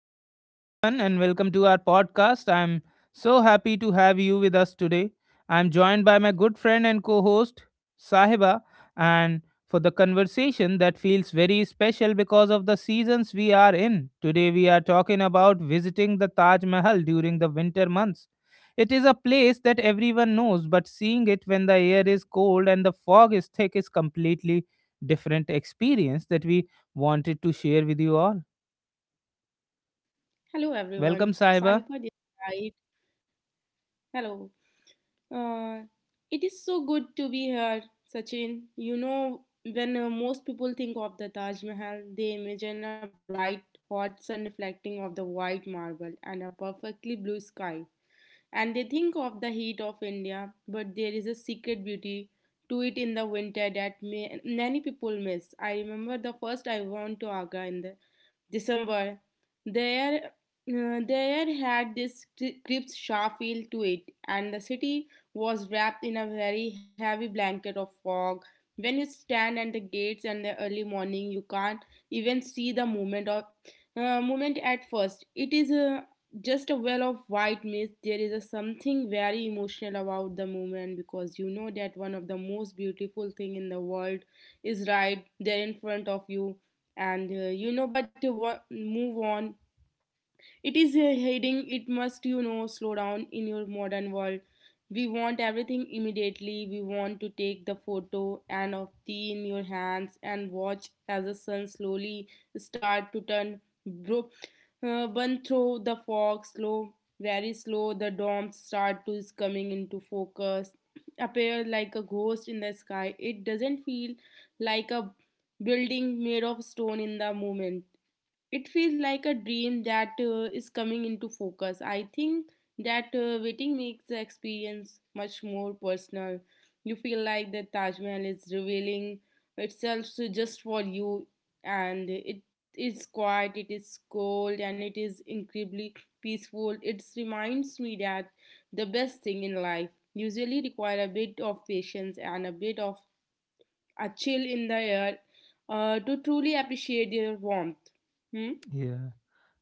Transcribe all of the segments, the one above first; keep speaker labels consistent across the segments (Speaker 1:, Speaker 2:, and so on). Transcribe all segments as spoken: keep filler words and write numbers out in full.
Speaker 1: Hello, everyone, and welcome to our podcast. I'm so happy to have you with us today. I'm joined by my good friend and co host, Sahiba, and for the conversation that feels very special because of the seasons we are in. Today, we are talking about visiting the Taj Mahal during the winter months. It is a place that everyone knows, but seeing it when the air is cold and the fog is thick is completely different experience that we wanted to share with you all.
Speaker 2: Hello
Speaker 1: Welcome,
Speaker 2: everyone,
Speaker 1: Sahiba.
Speaker 2: Sahiba this side. Hello. Uh, it is so good to be here, Sachin. You know, when uh, most people think of the Taj Mahal, they imagine a bright, hot sun reflecting off the white marble and a perfectly blue sky. And they think of the heat of India, but there is a secret beauty to it in the winter that may, many people miss. I remember the first I went to Agra in the December. There, uh, there had this cri- crisp, sharp feel to it, and the city was wrapped in a very heavy blanket of fog. When you stand at the gates in the early morning, you can't even see the movement of uh, movement at first. It is a just a well of white mist. There is a something very emotional about the movement because you know that one of the most beautiful thing in the world is right there in front of you and uh, you know but to wa- move on it is a heading, it must, you know, slow down in your modern world. We want everything immediately. We want to take the photo and of tea in your hands and watch as the sun slowly start to turn bro- uh, burn through the fog slow, very slow. The domes start to is coming into focus, appear like a ghost in the sky. It doesn't feel like a building made of stone in the moment it feels like a dream that uh, is coming into focus. I think that uh, waiting makes the experience much more personal. You feel like the Taj Mahal is revealing itself to just for you, and it is quiet, it is cold, and it is incredibly peaceful. It reminds me that the best thing in life usually require a bit of patience and a bit of a chill in the air uh, to truly appreciate their warmth. Hmm?
Speaker 1: Yeah.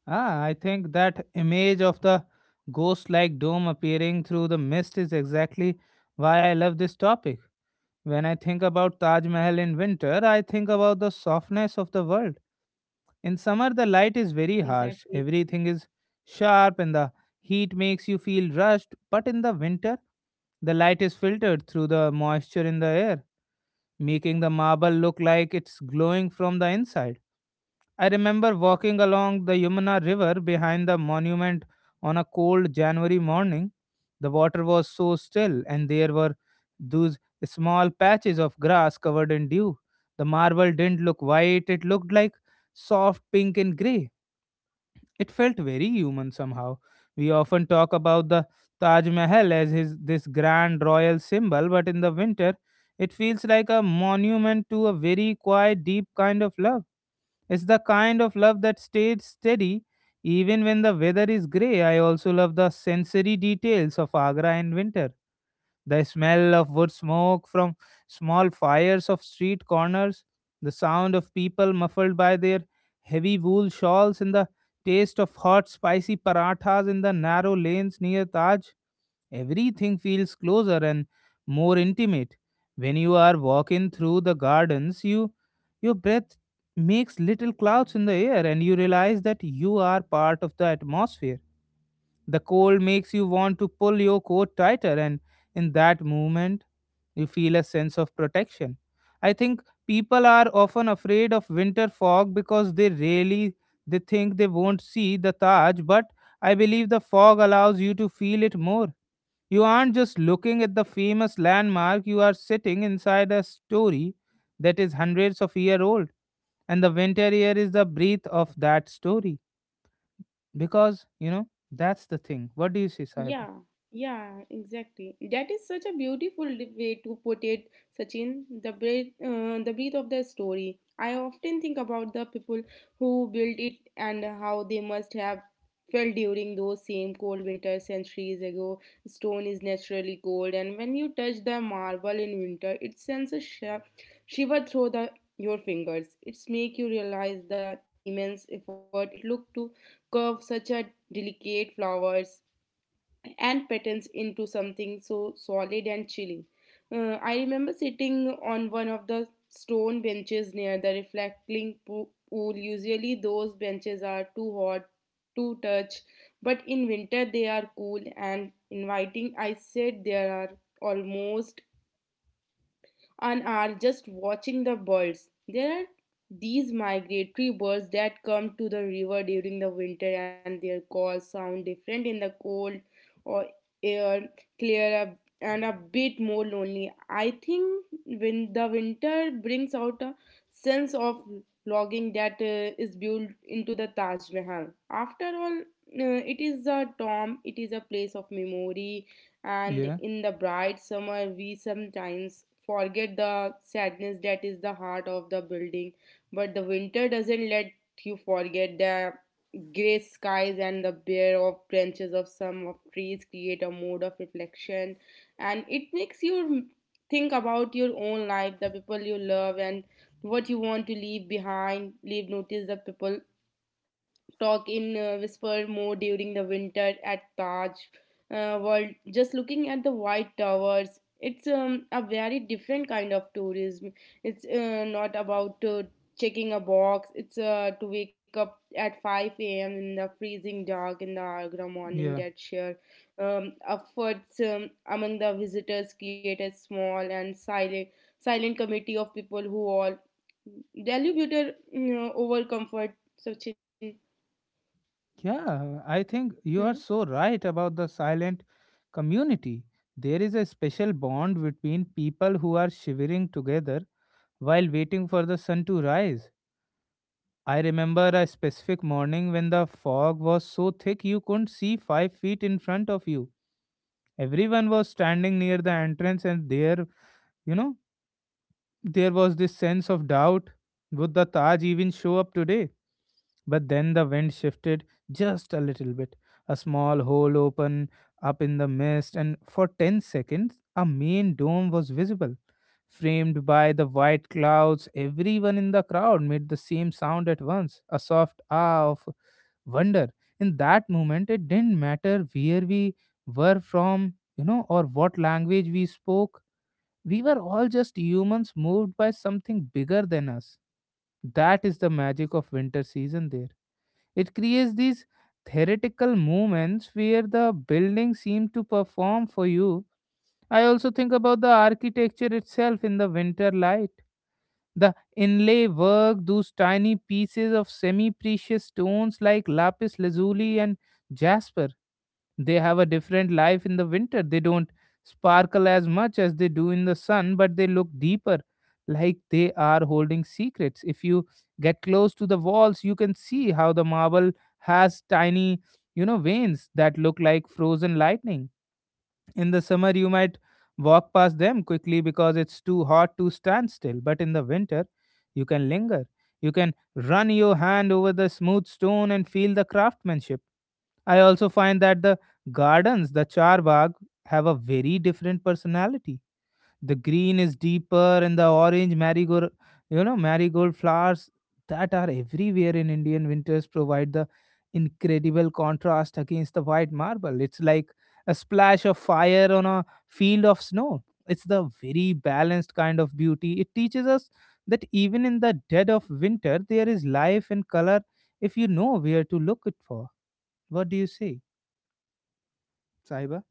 Speaker 1: Ah, I think that image of the ghost like dome appearing through the mist is exactly why I love this topic. When I think about Taj Mahal in winter, I think about the softness of the world. In summer, the light is very
Speaker 2: Yes,
Speaker 1: harsh,
Speaker 2: exactly.
Speaker 1: everything is sharp, and the heat makes you feel rushed. But in the winter, the light is filtered through the moisture in the air, making the marble look like it's glowing from the inside. I remember walking along the Yamuna River behind the monument on a cold January morning. The water was so still, and there were those small patches of grass covered in dew. The marble didn't look white, it looked like soft pink and grey. It felt very human somehow. We often talk about the Taj Mahal as his this grand royal symbol, but in the winter it feels like a monument to a very quiet, deep kind of love. It's the kind of love that stays steady even when the weather is grey. I also love the sensory details of Agra in winter. The smell of wood smoke from small fires of street corners, the sound of people muffled by their heavy wool shawls, and the taste of hot, spicy parathas in the narrow lanes near Taj. Everything feels closer and more intimate. When you are walking through the gardens, you your breath makes little clouds in the air, and you realize that you are part of the atmosphere. The cold makes you want to pull your coat tighter, and in that moment you feel a sense of protection. I think people are often afraid of winter fog because they really they think they won't see the Taj, but I believe the fog allows you to feel it more. You aren't just looking at the famous landmark, you are sitting inside a story that is hundreds of years old. And the winter here is the breath of that story. Because, you know, that's the thing. What do you say, Sahiba?
Speaker 2: Yeah, yeah, exactly. That is such a beautiful d- way to put it, Sachin. The breath, uh, the breath of the story. I often think about the people who built it and how they must have felt during those same cold winters centuries ago. Stone is naturally cold, and when you touch the marble in winter, it sends a sh- shiver through the your fingers. It's make you realize the immense effort it took to curve such a delicate flowers and patterns into something so solid and chilling. Uh, I remember sitting on one of the stone benches near the reflecting po- pool. Usually, those benches are too hot to touch, but in winter they are cool and inviting. I said there are almost and are just watching the birds. There are these migratory birds that come to the river during the winter and their calls sound different in the cold or air, clear up and a bit more lonely. I think when the winter brings out a sense of longing that uh, is built into the Taj Mahal. After all, uh, it is a tomb, it is a place of memory, and
Speaker 1: Yeah,
Speaker 2: in the bright summer we sometimes forget the sadness that is the heart of the building. But the winter doesn't let you forget. The gray skies and the bare of branches of some of trees create a mode of reflection, and it makes you think about your own life, the people you love, and what you want to leave behind. Leave notice the people talk in uh, whisper mode during the winter at Taj uh, World. Just looking at the white towers, it's um, a very different kind of tourism. It's uh, not about uh, checking a box. It's uh, to wake up at five a m in the freezing dark in the Agra morning.
Speaker 1: yeah.
Speaker 2: That sheer um, efforts um, among the visitors create a small and silent silent committee of people who all value beauty, you know, over comfort. Sachin.
Speaker 1: Yeah, I think you
Speaker 2: Hmm?
Speaker 1: are so right about the silent community. There is a special bond between people who are shivering together while waiting for the sun to rise. I remember a specific morning when the fog was so thick you couldn't see five feet in front of you. Everyone was standing near the entrance, and there, you know, there was this sense of doubt. Would the Taj even show up today? But then the wind shifted just a little bit. A small hole opened up in the mist, and for ten seconds, a main dome was visible, framed by the white clouds. Everyone in the crowd made the same sound at once, a soft ah of wonder. In that moment, it didn't matter where we were from, you know, or what language we spoke. We were all just humans moved by something bigger than us. That is the magic of winter season there. It creates these theoretical moments where the buildings seem to perform for you. I also think about the architecture itself in the winter light. The inlay work, those tiny pieces of semi precious stones like lapis lazuli and jasper. They have a different life in the winter. They don't sparkle as much as they do in the sun, but they look deeper, like they are holding secrets. If you get close to the walls, you can see how the marble has tiny, you know, veins that look like frozen lightning. In the summer, you might walk past them quickly because it's too hot to stand still, but in the winter, you can linger. You can run your hand over the smooth stone and feel the craftsmanship. I also find that the gardens, the charbagh, have a very different personality. The green is deeper, and the orange marigold you know marigold flowers that are everywhere in Indian winters provide the incredible contrast against the white marble. It's like a splash of fire on a field of snow. It's the very balanced kind of beauty. It teaches us that even in the dead of winter there is life and color, if you know where to look it for. What do you say, Saiba?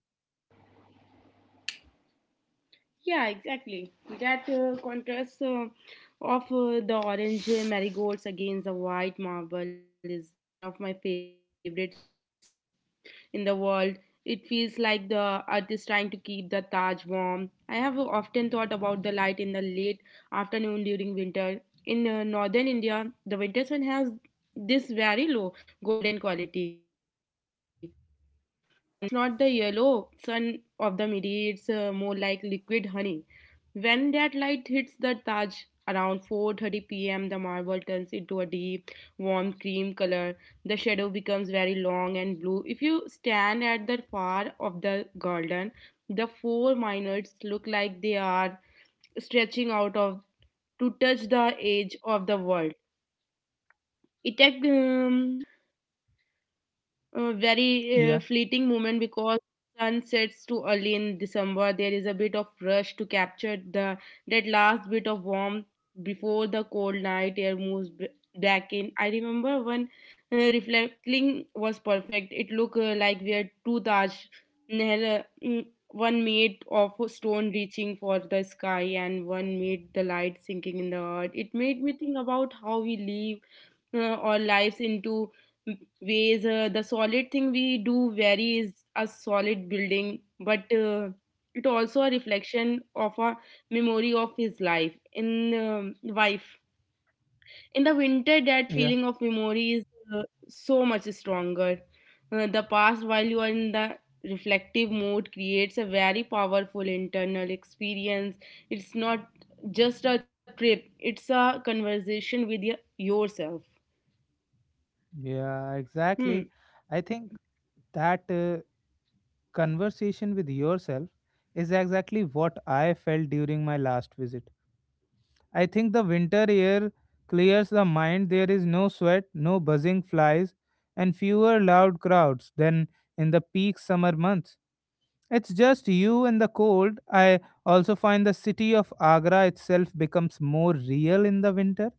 Speaker 2: Yeah, exactly. That uh, contrast uh, of uh, the orange marigolds against the white marble is one of my favorite sights in the world. It feels like the earth is trying to keep the Taj warm. I have uh, often thought about the light in the late afternoon during winter. In uh, northern India, the winter sun has this very low golden quality, and uh, it's not the yellow sun of the midi, it's uh, more like liquid honey. When that light hits the Taj around four thirty p m, the marble turns into a deep, warm cream color. The shadow becomes very long and blue. If you stand at the far of the garden, the four miners look like they are stretching out of to touch the edge of the world. It um, a very uh,
Speaker 1: yeah
Speaker 2: fleeting moment because sun sets too early in December. There is a bit of rush to capture the that last bit of warmth before the cold night air moves b- back in. I remember when uh, reflecting was perfect. It looked uh, like we had two Taj Mahal, uh, mm, one made of stone reaching for the sky and one made the light sinking in the earth. It made me think about how we live uh, our lives into ways. Uh, the solid thing we do vary is a solid building, but uh, it also a reflection of a memory of his life in um, wife. In the winter, that
Speaker 1: yeah
Speaker 2: feeling of memory is uh, so much stronger. Uh, the past, while you are in the reflective mode, creates a very powerful internal experience. It's not just a trip; it's a conversation with y- yourself.
Speaker 1: Yeah,
Speaker 2: Hmm.
Speaker 1: exactly. I think that uh, conversation with yourself is exactly what I felt during my last visit. I think the winter air clears the mind. There is no sweat, no buzzing flies, and fewer loud crowds than in the peak summer months. It's just you and the cold. I also find the city of Agra itself becomes more real in the winter.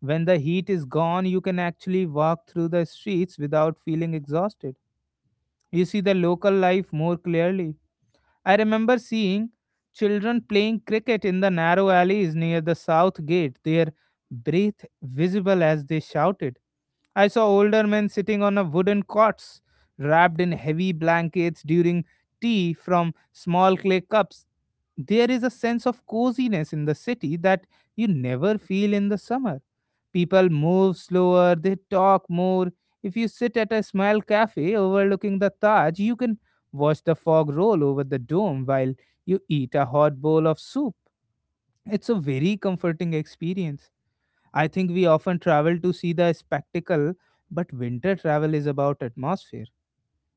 Speaker 1: When the heat is gone, you can actually walk through the streets without feeling exhausted. You see the local life more clearly. I remember seeing children playing cricket in the narrow alleys near the south gate, their breath visible as they shouted. I saw older men sitting on a wooden cots, wrapped in heavy blankets during tea from small clay cups. There is a sense of coziness in the city that you never feel in the summer. People move slower, they talk more. If you sit at a small cafe overlooking the Taj, you can watch the fog roll over the dome while you eat a hot bowl of soup. It's a very comforting experience. I think we often travel to see the spectacle, but winter travel is about atmosphere.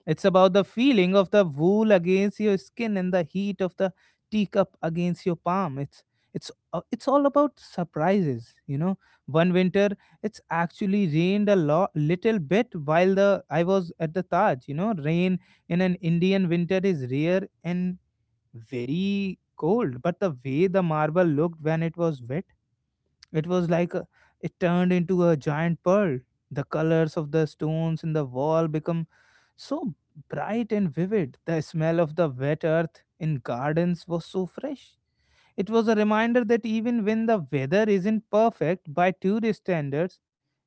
Speaker 1: It's about the feeling of the wool against your skin and the heat of the teacup against your palm. It's it's uh, it's all about surprises, you know. One winter, it's actually rained a lot, little bit while the I was at the Taj. You know, rain in an Indian winter is rare and very cold. But the way the marble looked when it was wet, it was like a, it turned into a giant pearl. The colors of the stones in the wall become so bright and vivid. The smell of the wet earth in gardens was so fresh. It was a reminder that even when the weather isn't perfect by tourist standards,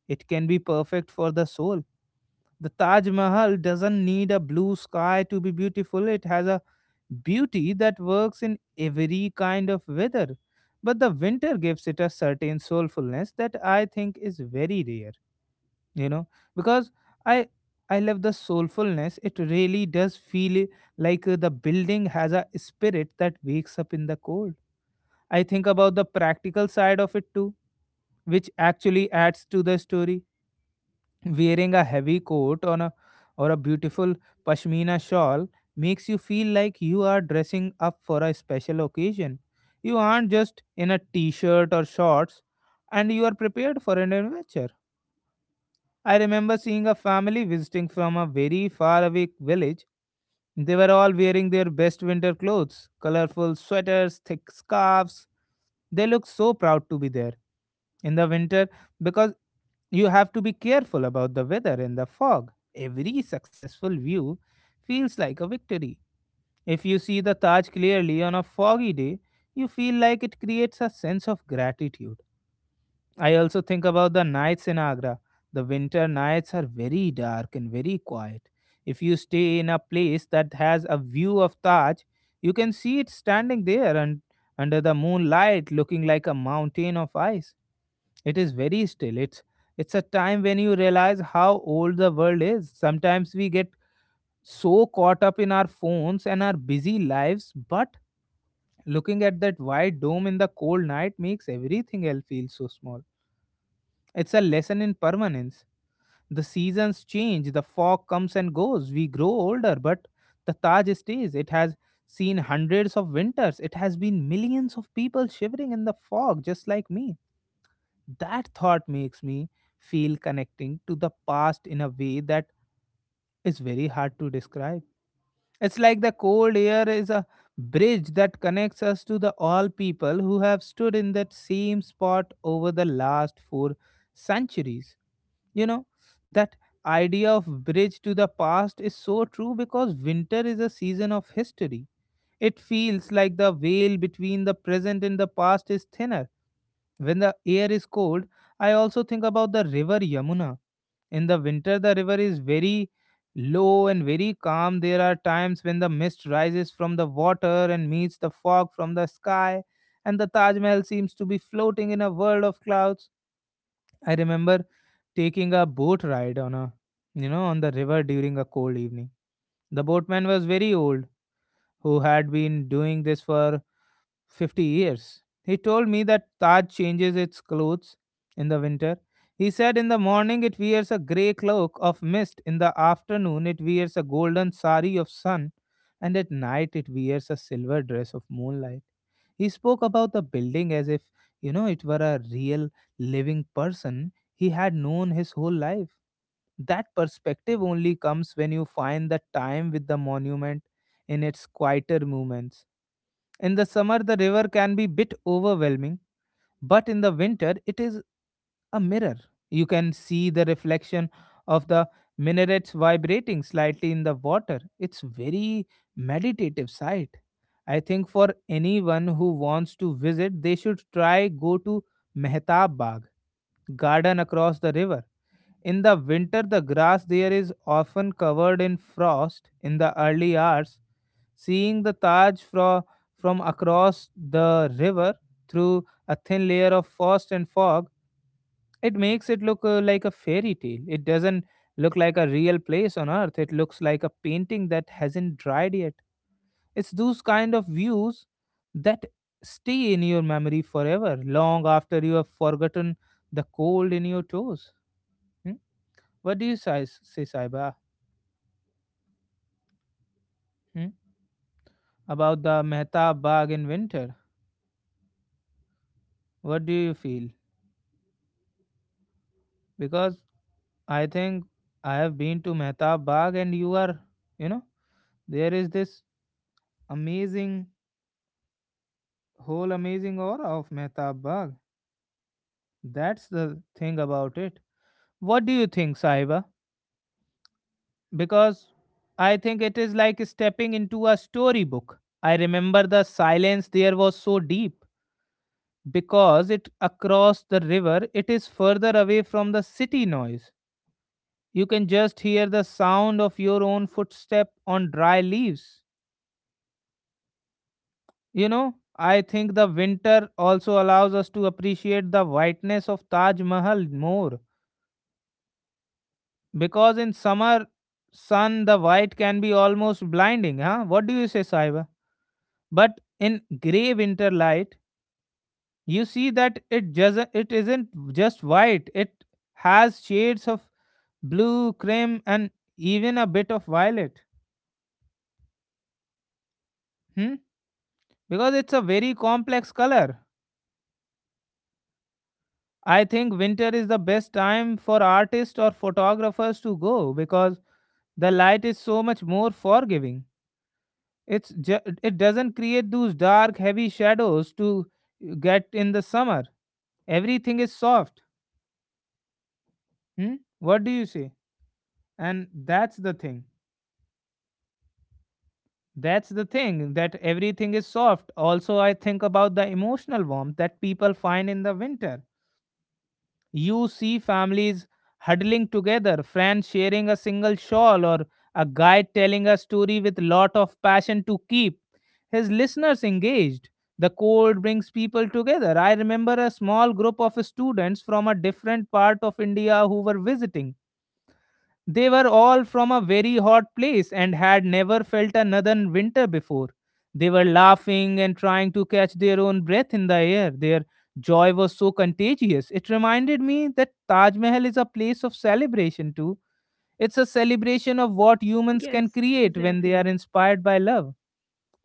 Speaker 1: it can be perfect for the soul. The Taj Mahal doesn't need a blue sky to be beautiful, it has a beauty that works in every kind of weather. But the winter gives it a certain soulfulness that I think is very rare, you know because i i love the soulfulness. It really does feel like uh, the building has a spirit that wakes up in the cold. I think about the practical side of it too, which actually adds to the story. Wearing a heavy coat on a, or a beautiful pashmina shawl, makes you feel like you are dressing up for a special occasion. You aren't just in a t-shirt or shorts, and you are prepared for an adventure. I remember seeing a family visiting from a very faraway village. They were all wearing their best winter clothes, colorful sweaters, thick scarves. They looked so proud to be there in the winter, because you have to be careful about the weather and the fog. Every successful view feels like a victory. If you see the Taj clearly on a foggy day, you feel like it creates a sense of gratitude. I also think about the nights in Agra. The winter nights are very dark and very quiet. If you stay in a place that has a view of Taj, you can see it standing there and under the moonlight looking like a mountain of ice. It is very still. It's it's a time when you realize how old the world is. Sometimes we get so caught up in our phones and our busy lives, but looking at that white dome in the cold night makes everything else feel so small. It's a lesson in permanence. The seasons change, the fog comes and goes. We grow older, but the Taj stays. It has seen hundreds of winters. It has been millions of people shivering in the fog, just like me. That thought makes me feel connecting to the past in a way that is very hard to describe. It's like the cold air is a bridge that connects us to the all people who have stood in that same spot over the last four centuries. You know, that idea of bridge to the past is so true because winter is a season of history. It feels like the veil between the present and the past is thinner. When the air is cold, I also think about the river Yamuna. In the winter, the river is very low and very calm. There are times when the mist rises from the water and meets the fog from the sky, and the Taj Mahal seems to be floating in a world of clouds. I remember taking a boat ride on a you know on the river during a cold evening. The boatman was very old who had been doing this for fifty years. He told me that Taj changes its clothes in the winter. He said in the morning it wears a grey cloak of mist, in the afternoon it wears a golden sari of sun, and at night it wears a silver dress of moonlight. He spoke about the building as if, you know, it were a real living person he had known his whole life. That perspective only comes when you find the time with the monument in its quieter moments. In the summer, the river can be bit overwhelming, but in the winter, it is a mirror. You can see the reflection of the minarets vibrating slightly in the water. It's very meditative sight. I think for anyone who wants to visit, they should try go to Mehtab Bagh garden across the river. In the winter, the grass there is often covered in frost in the early hours. Seeing the Taj fro- from across the river through a thin layer of frost and fog, it makes it look uh, like a fairy tale. It doesn't look like a real place on earth, it looks like a painting that hasn't dried yet. It's those kind of views that stay in your memory forever, long after you have forgotten the cold in your toes. Hmm? What do you say, say Saiba, hmm? About the Mehtab Bagh in winter? What do you feel? Because I think I have been to Mehtab Bagh and you are, you know, there is this amazing, whole amazing aura of Mehtab Bagh. That's the thing about it. What do you think, Saiba? Because I think it is like stepping into a storybook. I remember the silence there was so deep because it across the river it is further away from the city noise. You can just hear the sound of your own footstep on dry leaves. You know, I think the winter also allows us to appreciate the whiteness of Taj Mahal more because in summer sun the white can be almost blinding. Huh, what do you say, Saiba? But in gray winter light you see that it just it isn't just white, it has shades of blue, cream, and even a bit of violet. Hmm? Because it's a very complex color. I think winter is the best time for artists or photographers to go because the light is so much more forgiving. It's ju- it doesn't create those dark, heavy shadows to get in the summer. Everything is soft. Hmm? What do you say? And that's the thing. That's the thing, that everything is soft. Also, I think about the emotional warmth that people find in the winter. You see families huddling together, friends sharing a single shawl, or a guide telling a story with lot of passion to keep his listeners engaged. The cold brings people together. I remember a small group of students from a different part of India who were visiting. They were all from a very hot place and had never felt another winter before. They were laughing and trying to catch their own breath in the air. Their joy was so contagious. It reminded me that Taj Mahal is a place of celebration too. It's a celebration of what humans can
Speaker 2: Yes,
Speaker 1: create when they
Speaker 2: exactly.
Speaker 1: are inspired by love,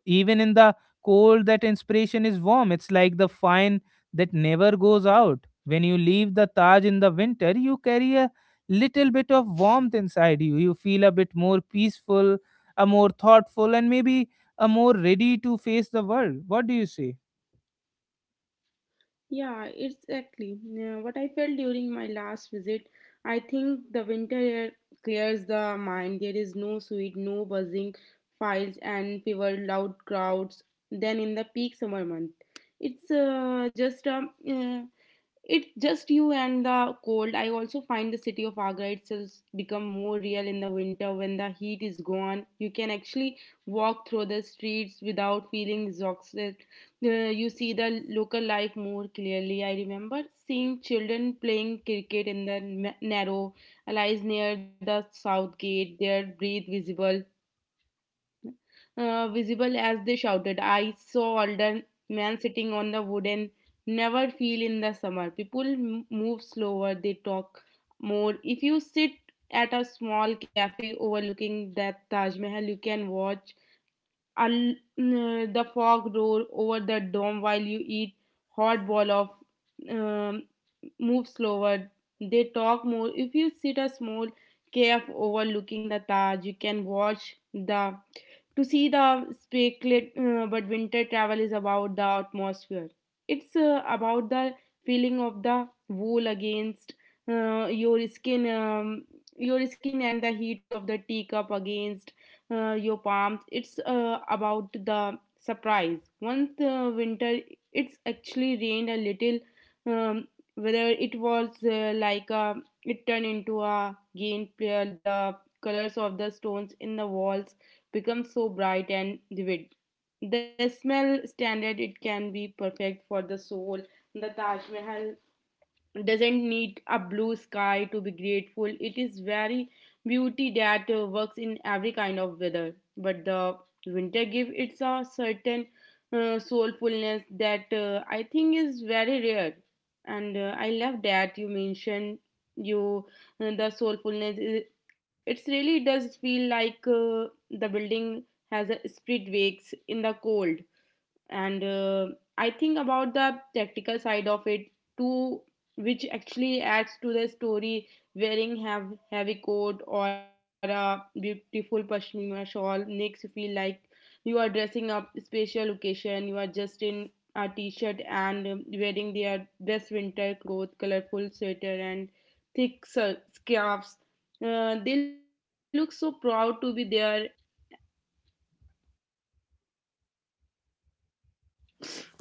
Speaker 1: even in the cold. That inspiration is warm, it's like the fire that never goes out. When you leave the Taj in the winter you carry a little bit of warmth inside you. You feel a bit more peaceful, a more thoughtful, and maybe a more ready to face the world. What do you say?
Speaker 2: Yeah, exactly. Yeah, what I felt during my last visit. I think the winter air clears the mind. There is no sweet, no buzzing files and fewer loud crowds than in the peak summer month. It's uh, just a uh, it's just you and the cold. I also find the city of Agra itself become more real in the winter when the heat is gone. You can actually walk through the streets without feeling exhausted. Uh, you see the local life more clearly. I remember seeing children playing cricket in the na- narrow alleys near the south gate. Their breathe visible uh, visible as they shouted. I saw older man sitting on the wooden never feel in the summer. People m- move slower, they talk more. If you sit at a small cafe overlooking that Taj Mahal, you can watch and uh, the fog roll over the dome while you eat hot ball of um, move slower, they talk more. If you sit a small cave overlooking the Taj, you can watch the to see the speculate, uh, but winter travel is about the atmosphere. It's uh, about the feeling of the wool against uh, your skin um, your skin and the heat of the teacup against uh, your palms. It's uh, about the surprise. Once uh, winter, it's actually rained a little. Um, Whether it was uh, like a, it turned into a game player, the colors of the stones in the walls become so bright and vivid. The smell standard, it can be perfect for the soul. The Taj Mahal doesn't need a blue sky to be grateful. It is very beauty that uh, works in every kind of weather. But the winter give it's a certain uh, soulfulness that uh, I think is very rare. And uh, I love that you mentioned you uh, the soulfulness. It it's really does feel like uh, the building has a spirit wakes in the cold. And uh, I think about the tactical side of it too, which actually adds to the story. Wearing have heavy coat or a beautiful pashmina shawl makes you feel like you are dressing up special location. You are just in a t-shirt and um, wearing their best winter clothes, colorful sweater and thick sur- scarves. Uh, they look so proud to be there,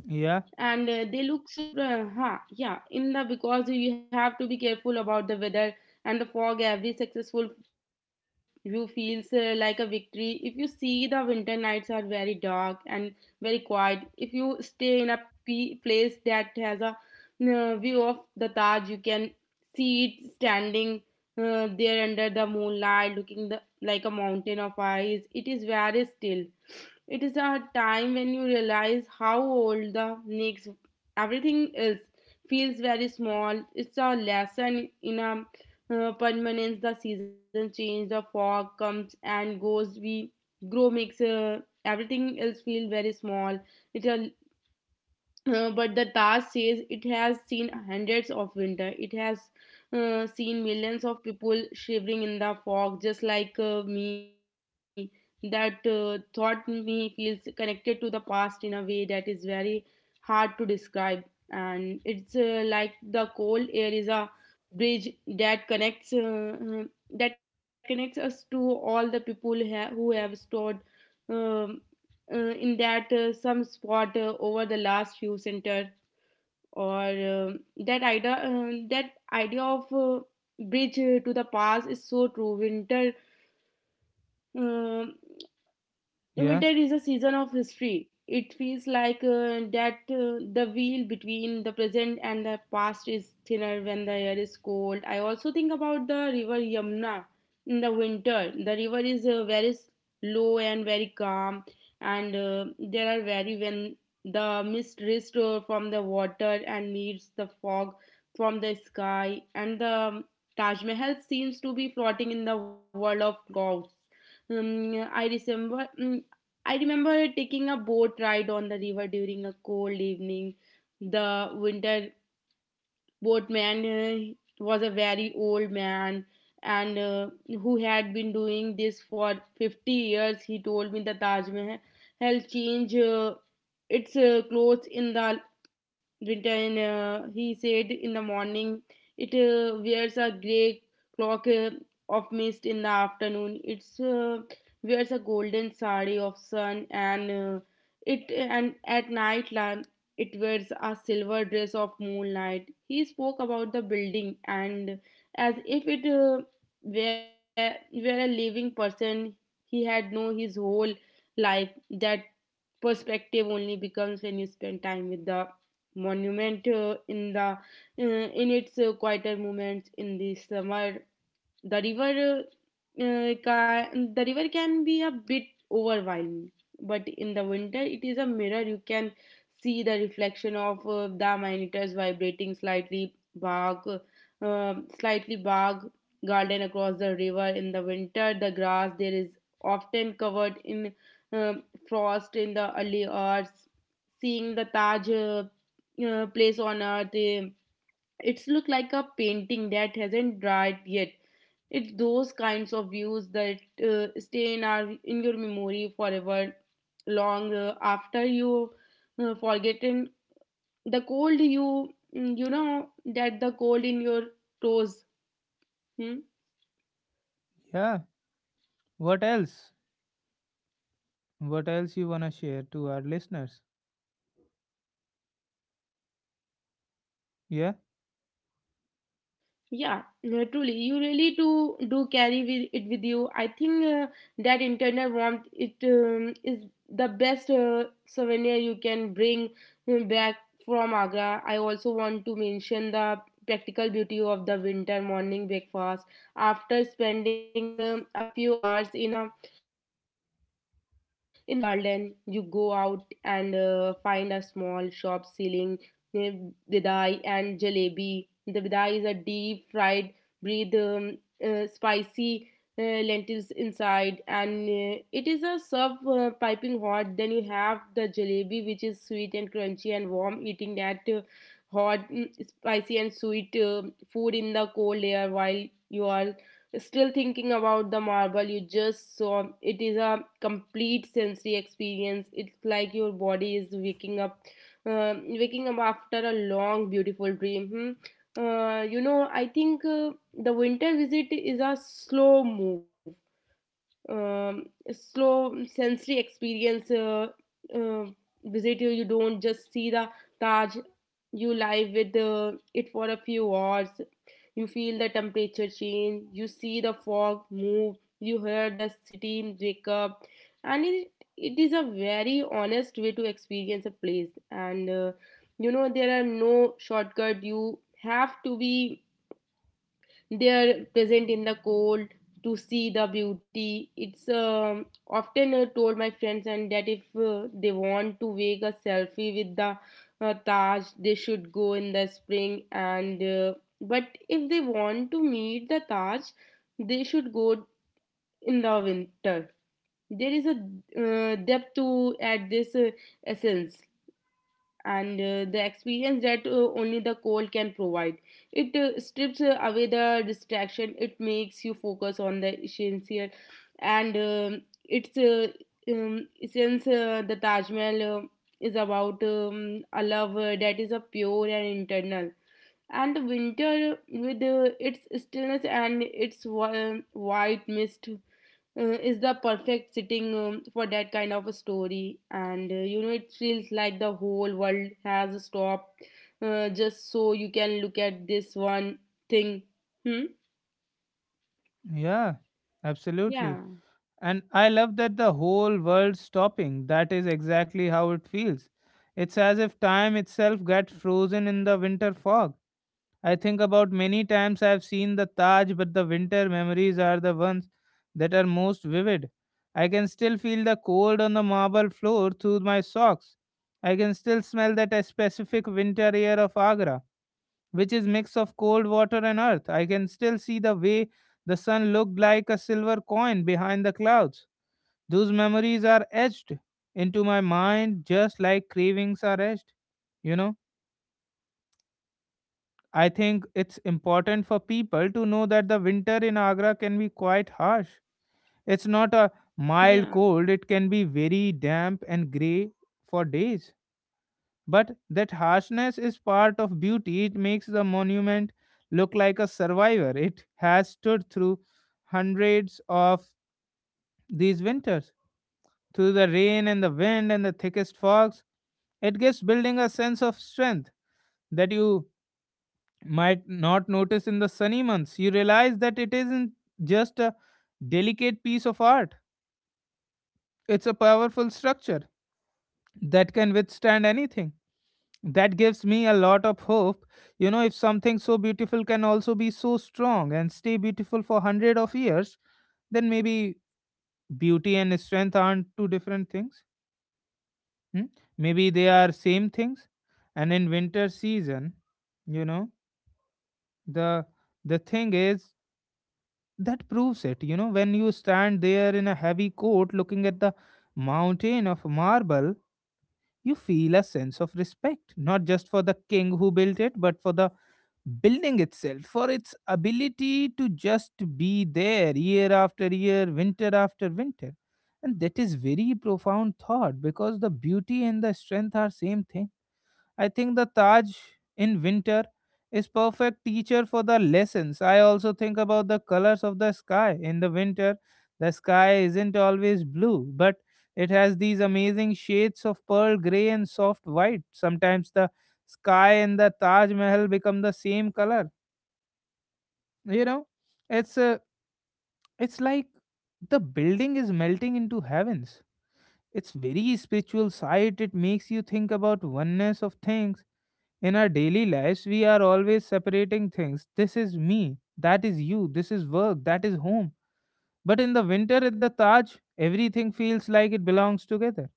Speaker 1: Yeah,
Speaker 2: and uh, they look so uh, huh, yeah, in the because you have to be careful about the weather and the fog. Every successful view feels uh, like a victory. If you see the winter nights are very dark and very quiet. If you stay in a p- place that has a uh, view of the Taj, you can see it standing uh, there under the moonlight looking the, like a mountain of ice. It is very still. It is a time when you realize how old the next everything is feels very small. It's a lesson in a uh, permanence. The seasons change, the fog comes and goes. We grow makes uh, everything else feel very small. It uh, uh, But the task says it has seen hundreds of winter. It has uh, seen millions of people shivering in the fog, just like uh, me. That uh, thought me feels connected to the past in a way that is very hard to describe. And it's uh, like the cold air is a bridge that connects uh, uh, that connects us to all the people ha- who have stored um, uh, in that uh, some spot uh, over the last few centers or um that idea um that idea of uh, bridge to the past is so true. Winter, um
Speaker 1: yeah,
Speaker 2: winter is a season of history. It feels like uh, that uh, the veil between the present and the past is thinner when the air is cold. I also think about the river Yamuna in the winter. The river is uh, very low and very calm, and uh, there are very, when the mist rises from the water and meets the fog from the sky, and the um, Taj Mahal seems to be floating in the world of clouds. Um, I remember. mm, I remember taking a boat ride on the river during a cold evening. The winter boatman uh, was a very old man and uh, who had been doing this for fifty years. He told me the Taj Mahal change uh, its uh, clothes in the winter. And uh, he said in the morning it uh, wears a grey cloak uh, of mist. In the afternoon it's uh, wears a golden sari of sun, and uh, it and at night la- it wears a silver dress of moonlight. He spoke about the building and as if it uh, were, were a living person he had known his whole life. That perspective only becomes when you spend time with the monument uh, in the uh, in its uh, quieter moments. In the summer the river uh, can, the river can be a bit overwhelming, but in the winter it is a mirror. You can see the reflection of uh, the monitors vibrating slightly bark, uh, slightly bark garden across the river. In the winter the grass there is often covered in uh, frost in the early hours. Seeing the Taj, uh, uh, place on earth, uh, it's look like a painting that hasn't dried yet. It's those kinds of views that uh, stay in our in your memory forever, long uh, after you uh, forgotten the cold. You mm, you know that the cold in your toes. Hmm?
Speaker 1: yeah, what else, what else you want to share to our listeners? Yeah,
Speaker 2: Yeah, no, truly, you really do do carry with, it with you. I think uh, that internal warmth, it um, is the best uh, souvenir you can bring uh, back from Agra. I also want to mention the practical beauty of the winter morning breakfast. After spending um, a few hours in a in the cold garden, you go out and uh, find a small shop selling uh, bidai and jalebi. The bidai is a deep fried breathe, um, uh, spicy uh, lentils inside, and uh, it is a serve uh, piping hot. Then you have the jalebi, which is sweet and crunchy and warm. Eating that uh, hot, mm, spicy and sweet uh, food in the cold air while you are still thinking about the marble you just saw, it is a complete sensory experience. It's like your body is waking up, uh, waking up after a long beautiful dream. Hmm? Uh, you know, I think uh, the winter visit is a slow move, um, slow sensory experience, uh, uh, visit. You you don't just see the Taj, you live with uh, it for a few hours. You feel the temperature change, you see the fog move, you hear the city wake up, and it, it is a very honest way to experience a place. And uh, you know, there are no shortcut, you have to be, they are present in the cold to see the beauty. It's um, Often uh, told my friends and that if uh, they want to make a selfie with the uh, Taj, they should go in the spring, and uh, but if they want to meet the Taj they should go in the winter. There is a uh, depth to add this uh, essence and uh, the experience that uh, only the cold can provide. It uh, strips uh, away the distraction, it makes you focus on the essential, and um it's uh, um, since uh, the Taj Mahal uh, is about um, a love uh, that is a pure and internal. And winter, with uh, its stillness and its wi- white mist, uh, is the perfect sitting um, for that kind of a story. And uh, you know, it feels like the whole world has stopped uh, just so you can look at this one thing. Hmm.
Speaker 1: yeah,
Speaker 2: Yeah.
Speaker 1: absolutely. And I love that the whole world's stopping. That is exactly how it feels. It's as if time itself gets frozen in the winter fog. I think about many times I've seen the Taj, but the winter memories are the ones that are most vivid. I can still feel the cold on the marble floor through my socks. I can still smell that uh, specific winter air of Agra, which is mix of cold water and earth. I can still see the way the sun looked like a silver coin behind the clouds. Those memories are etched into my mind just like cravings are etched. You know, I think it's important for people to know that the winter in Agra can be quite harsh. It's not a
Speaker 2: Yeah,
Speaker 1: mild cold, it can be very damp and grey for days. But that harshness is part of beauty. It makes the monument look like a survivor. It has stood through hundreds of these winters, through the rain and the wind and the thickest fogs. It gives building a sense of strength that you might not notice in the sunny months. You realize that it isn't just a delicate piece of art, it's a powerful structure that can withstand anything. That gives me a lot of hope. You know, if something so beautiful can also be so strong and stay beautiful for hundred of years, then maybe beauty and strength aren't two different things. Hmm? Maybe they are same things. And in winter season, you know, the the thing is that proves it. You know, when you stand there in a heavy coat looking at the mountain of marble, you feel a sense of respect, not just for the king who built it, but for the building itself, for its ability to just be there year after year, winter after winter. And that is very profound thought, because the beauty and the strength are same thing. I think the Taj in winter is perfect teacher for the lessons. I also think about the colors of the sky in the winter. The sky isn't always blue, but it has these amazing shades of pearl gray and soft white. Sometimes the sky and the Taj Mahal become the same color. You know, it's uh, it's like the building is melting into heavens. It's very spiritual sight. It makes you think about oneness of things. In our daily lives, we are always separating things. This is me, that is you, this is work, that is home. But in the winter at the Taj, everything feels like it belongs together.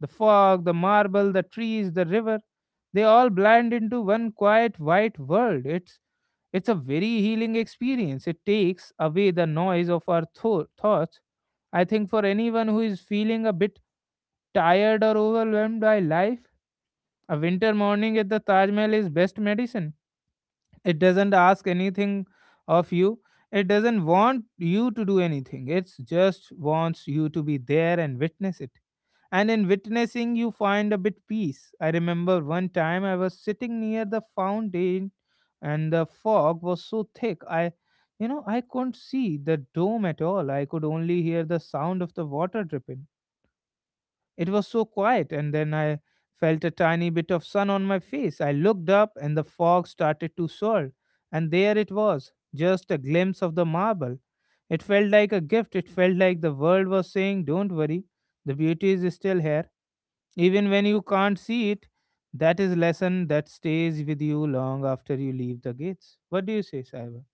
Speaker 1: The fog, the marble, the trees, the river, they all blend into one quiet white world. It's it's a very healing experience. It takes away the noise of our tho- thoughts. I think for anyone who is feeling a bit tired or overwhelmed by life, a winter morning at the Taj Mahal is best medicine. It doesn't ask anything of you, it doesn't want you to do anything, it just wants you to be there and witness it. And in witnessing you find a bit peace. I remember one time I was sitting near the fountain and the fog was so thick I you know I couldn't see the dome at all. I could only hear the sound of the water dripping. It was so quiet, and then I felt a tiny bit of sun on my face. I looked up, and the fog started to swirl, and there it was, just a glimpse of the marble. It felt like a gift. It felt like the world was saying, "Don't worry, the beauty is still here. Even when you can't see it," that is lesson that stays with you long after you leave the gates. What do you say, Saiba?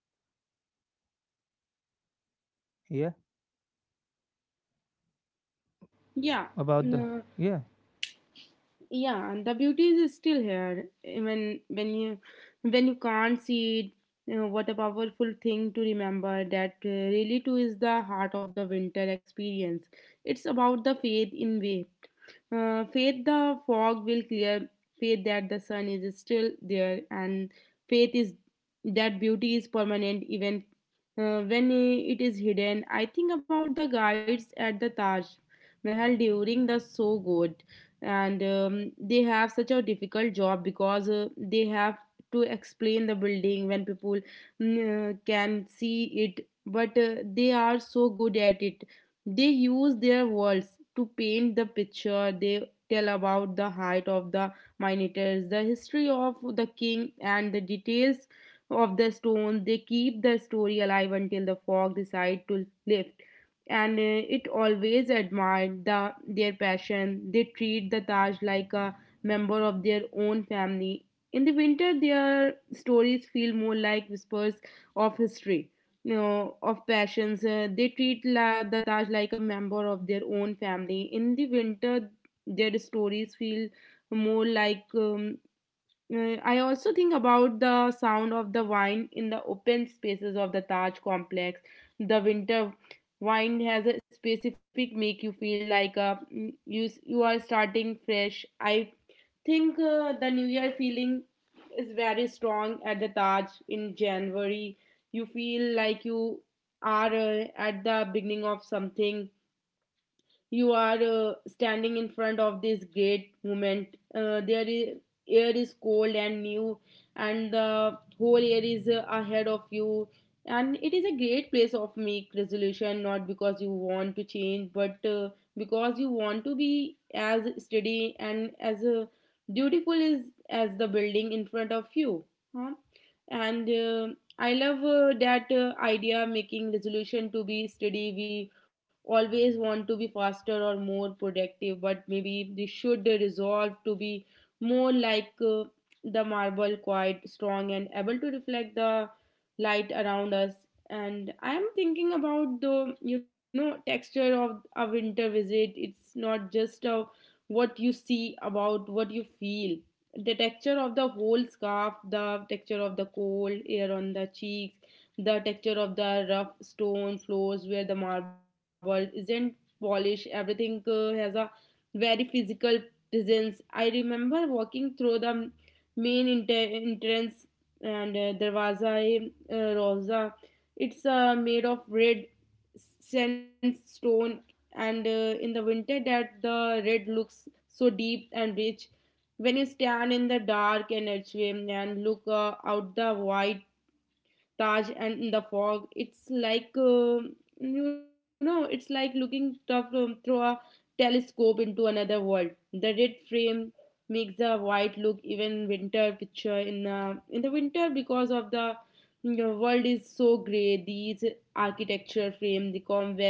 Speaker 1: Yeah,
Speaker 2: yeah,
Speaker 1: about the
Speaker 2: uh,
Speaker 1: yeah,
Speaker 2: yeah. And the beauty is still here even when you, when you can't see it. You know, what a powerful thing to remember. That uh, really too is the heart of the winter experience. It's about the faith, in way. Uh, faith the fog will clear, faith that the sun is still there, and faith is that beauty is permanent even uh, when it is hidden. I think about the guides at the Taj Mahal during the so good, and um, they have such a difficult job because uh, they have to explain the building when people mm, uh, can see it, but uh, they are so good at it. They use their words to paint the picture. They tell about the height of the minators, the history of the king, and the details of the stone. They keep the story alive until the fog decide to lift. And uh, it always admired the, their passion. They treat the Taj like a member of their own family. In the winter, their stories feel more like whispers of history. You know, of passions. Uh, they treat la- the Taj like a member of their own family. In the winter, their stories feel more like. Um, uh, I also think about the sound of the wine in the open spaces of the Taj complex. The winter wine has a specific make you feel like a, you you are starting fresh. I think uh, the New Year feeling is very strong at the Taj in January. You feel like you are uh, at the beginning of something, you are uh, standing in front of this great moment. Uh, there is air is cold and new, and the whole air is uh, ahead of you. And it is a great place of make resolution, not because you want to change, but uh, because you want to be as steady and as uh, beautiful is as the building in front of you. Huh? And uh, I love uh, that uh, idea making resolution to be steady. We always want to be faster or more productive, but maybe we should resolve to be more like uh, the marble, quite strong and able to reflect the light around us. And I'm thinking about the, you know, texture of a winter visit. It's not just uh, what you see, about what you feel. The texture of the whole scarf, the texture of the cold air on the cheeks, the texture of the rough stone floors where the marble isn't polished. Everything uh, has a very physical presence. I remember walking through the main inter- entrance, and uh, darwaza eh, uh, rosa, it's uh, made of red sandstone. And uh, in the winter that the red looks so deep and rich. When you stand in the dark and archway and look uh, out the wide Taj and in the fog, it's like, uh, you know, it's like looking tough, um, through a telescope into another world. The red frame makes the white look even winter picture in uh, in the winter, because of the, you know, world is so gray. These architecture frame the come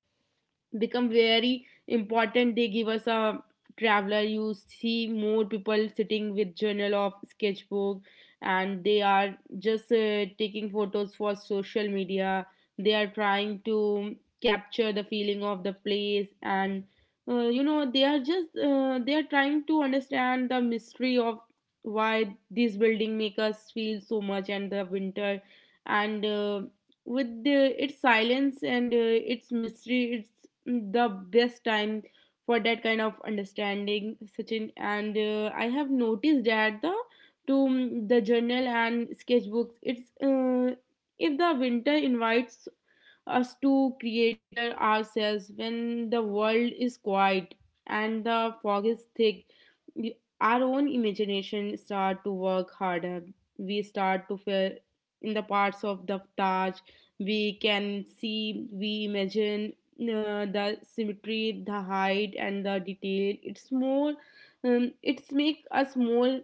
Speaker 2: become very important. They give us a traveler. You see more people sitting with journal of sketchbook, and they are just uh, taking photos for social media. They are trying to capture the feeling of the place, and uh, you know, they are just uh, they are trying to understand the mystery of why this building make us feel so much. And the winter, and uh, with the, its silence and uh, its mystery, it's the best time for that kind of understanding, Sachin. And uh, I have noticed that the to mm, the journal and sketchbooks, it's uh, if the winter invites us to creator ourselves. When the world is quiet and the fog is thick, y- our own imagination start to work harder. We start to feel in the parts of the Taj we can see, we imagine uh, the symmetry, the height and the detail. It's more, um, it's make us more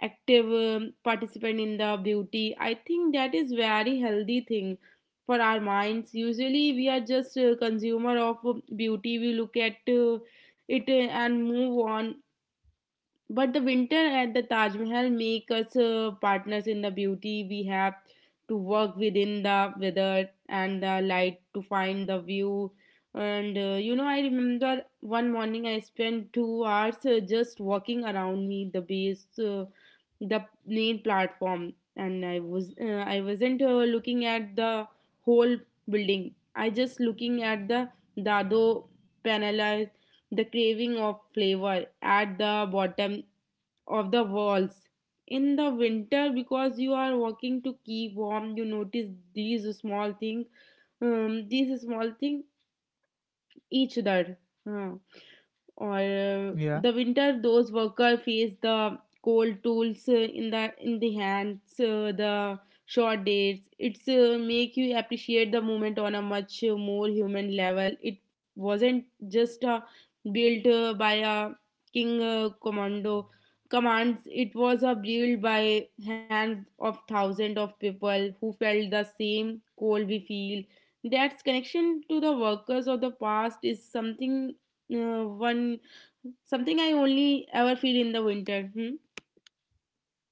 Speaker 2: active, um, participant in the beauty. I think that is very healthy thing for our minds. Usually we are just a consumer of uh, beauty, we look at uh, it uh, and move on. But the winter at the Taj Mahal make us uh, partners in the beauty. We have to work within the weather and the light to find the view. And uh, you know, I remember one morning I spent two hours uh, just walking around me the base, uh, the main platform, and I was uh, I wasn't uh, looking at the whole building. I just looking at the dado panelized the craving of flavor at the bottom of the walls in the winter because you are walking to keep warm you notice these small things, um, these small things each other. Huh. Or uh,
Speaker 1: yeah,
Speaker 2: The winter, those workers face the cold tools uh, in the in the hands, uh, the short days. It's uh, make you appreciate the moment on a much uh, more human level. It wasn't just uh, built uh, by a king uh, commando commands. It was a built by hands of thousands of people who felt the same cold we feel that connection to the workers of the past is something uh, one something I only ever feel in the winter. Hmm?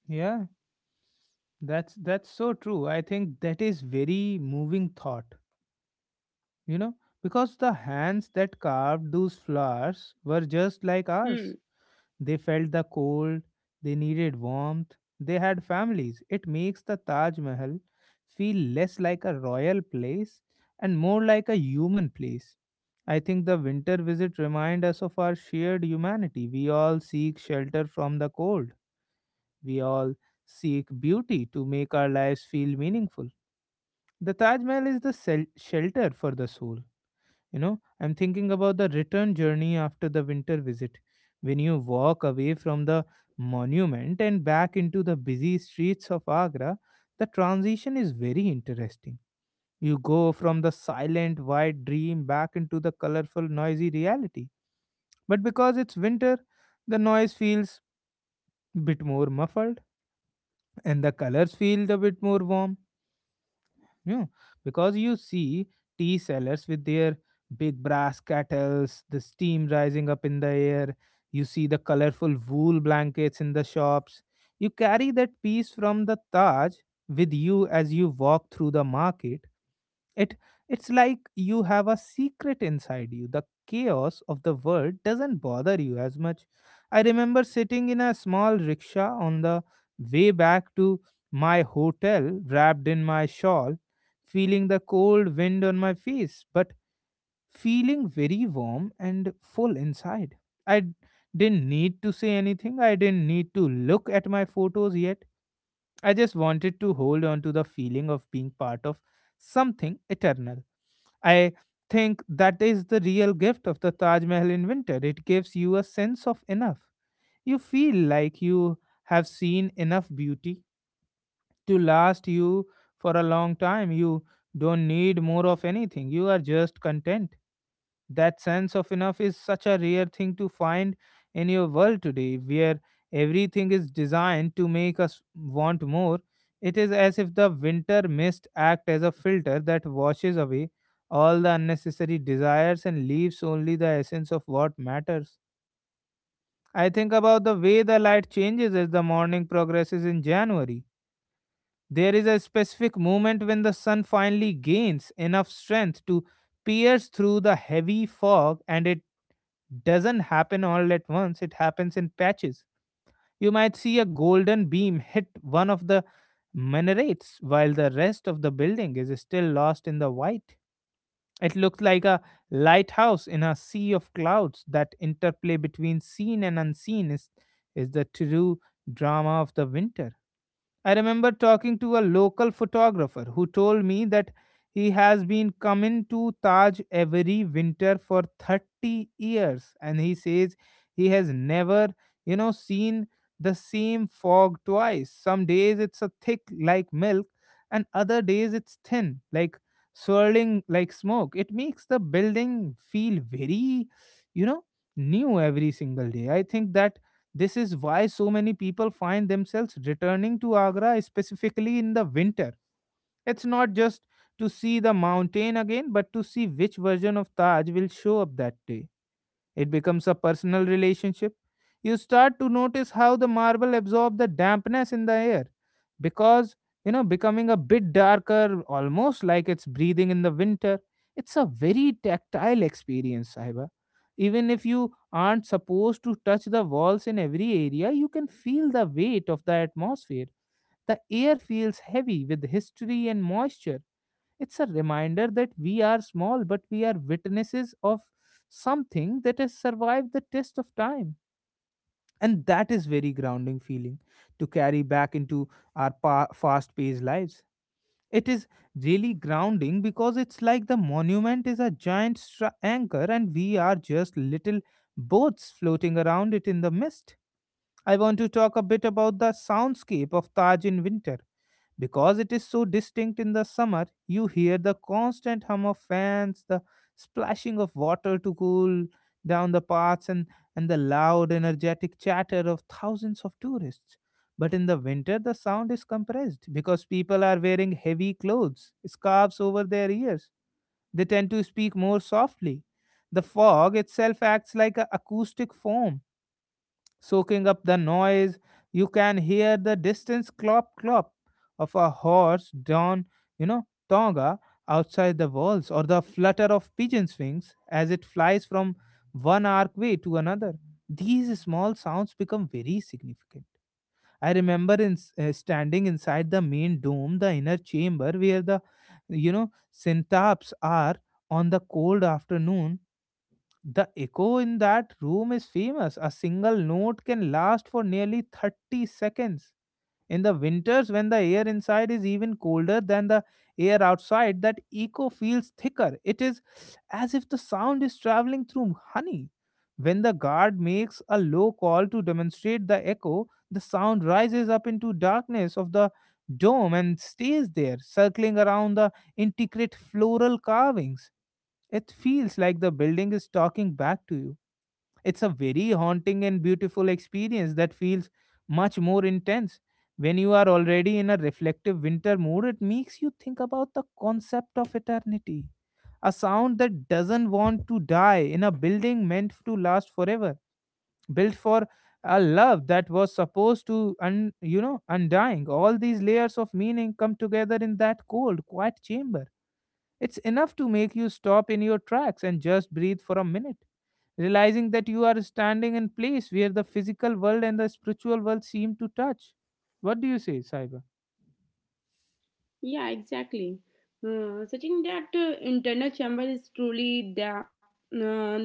Speaker 1: yeah. That's that's so true. I think that is very moving thought, you know, because the hands that carved those flowers were just like ours.
Speaker 2: Hmm.
Speaker 1: They felt the cold, they needed warmth, they had families. It makes the Taj Mahal feel less like a royal place and more like a human place. I think the winter visit reminds us of our shared humanity. We all seek shelter from the cold. We all seek beauty to make our lives feel meaningful. The Taj Mahal is the sel- shelter for the soul. You know, I'm thinking about the return journey after the winter visit. When you walk away from the monument and back into the busy streets of Agra, the transition is very interesting. You go from the silent, white dream back into the colorful, noisy reality. But because it's winter, the noise feels bit more muffled and the colors feel a bit more warm. Yeah, because you see tea sellers with their big brass kettles, the steam rising up in the air. You see the colorful wool blankets in the shops. You carry that piece from the Taj with you as you walk through the market, it it's like you have a secret inside you. The chaos of the world doesn't bother you as much. I remember sitting in a small rickshaw on the way back to my hotel, wrapped in my shawl, feeling the cold wind on my face, but feeling very warm and full inside. I d- didn't need to say anything. I didn't need to look at my photos yet. I just wanted to hold on to the feeling of being part of something eternal. I think that is the real gift of the Taj Mahal in winter. It gives you a sense of enough. You feel like you have seen enough beauty to last you for a long time. You don't need more of anything. You are just content. That sense of enough is such a rare thing to find in your world today, where everything is designed to make us want more. It is as if the winter mist acts as a filter that washes away all the unnecessary desires and leaves only the essence of what matters. I think about the way the light changes as the morning progresses in January. There is a specific moment when the sun finally gains enough strength to pierce through the heavy fog, and it doesn't happen all at once, it happens in patches. You might see a golden beam hit one of the minarets while the rest of the building is still lost in the white. It looks like a lighthouse in a sea of clouds. That interplay between seen and unseen is, is the true drama of the winter. I remember talking to a local photographer who told me that he has been coming to Taj every winter for thirty years, and he says he has never, you know, seen the same fog twice. Some days it's a thick like milk, and other days it's thin like swirling like smoke. It makes the building feel very, you know, new every single day. I think that this is why so many people find themselves returning to Agra specifically in the winter. It's not just to see the mountain again, but to see which version of Taj will show up that day. It becomes a personal relationship. You start to notice how the marble absorbs the dampness in the air because, you know, becoming a bit darker, almost like it's breathing in the winter. It's a very tactile experience, Sahiba. Even if you aren't supposed to touch the walls in every area, you can feel the weight of the atmosphere. The air feels heavy with history and moisture. It's a reminder that we are small, but we are witnesses of something that has survived the test of time. And that is very grounding feeling to carry back into our pa- fast-paced lives. It is really grounding because it's like the monument is a giant stra- anchor, and we are just little boats floating around it in the mist. I want to talk a bit about the soundscape of Taj in winter, because it is so distinct. In the summer, you hear the constant hum of fans, the splashing of water to cool down the paths, and, and the loud, energetic chatter of thousands of tourists. But in the winter, the sound is compressed because people are wearing heavy clothes, scarves over their ears. They tend to speak more softly. The fog itself acts like an acoustic foam soaking up the noise. You can hear the distant clop clop of a horse down, you know, Tonga outside the walls, or the flutter of pigeon's wings as it flies from one archway to another. These small sounds become very significant. I remember in, uh, standing inside the main dome, the inner chamber where the, you know, syntaps are, on the cold afternoon. The echo in that room is famous. A single note can last for nearly thirty seconds. In the winters, when the air inside is even colder than the air outside, that echo feels thicker. It is as if the sound is traveling through honey. When the guard makes a low call to demonstrate the echo, the sound rises up into darkness of the dome and stays there, circling around the intricate floral carvings. It feels like the building is talking back to you. It's a very haunting and beautiful experience that feels much more intense. When you are already in a reflective winter mood, it makes you think about the concept of eternity. A sound that doesn't want to die in a building meant to last forever, built for a love that was supposed to un, you know undying. All these layers of meaning come together in that cold quiet chamber. It's enough to make you stop in your tracks and just breathe for a minute, realizing that you are standing in place where the physical world and the spiritual world seem to touch. What do you say, Saiba?
Speaker 2: Yeah, exactly. Uh, Sachin, that uh, internal chamber is truly the uh,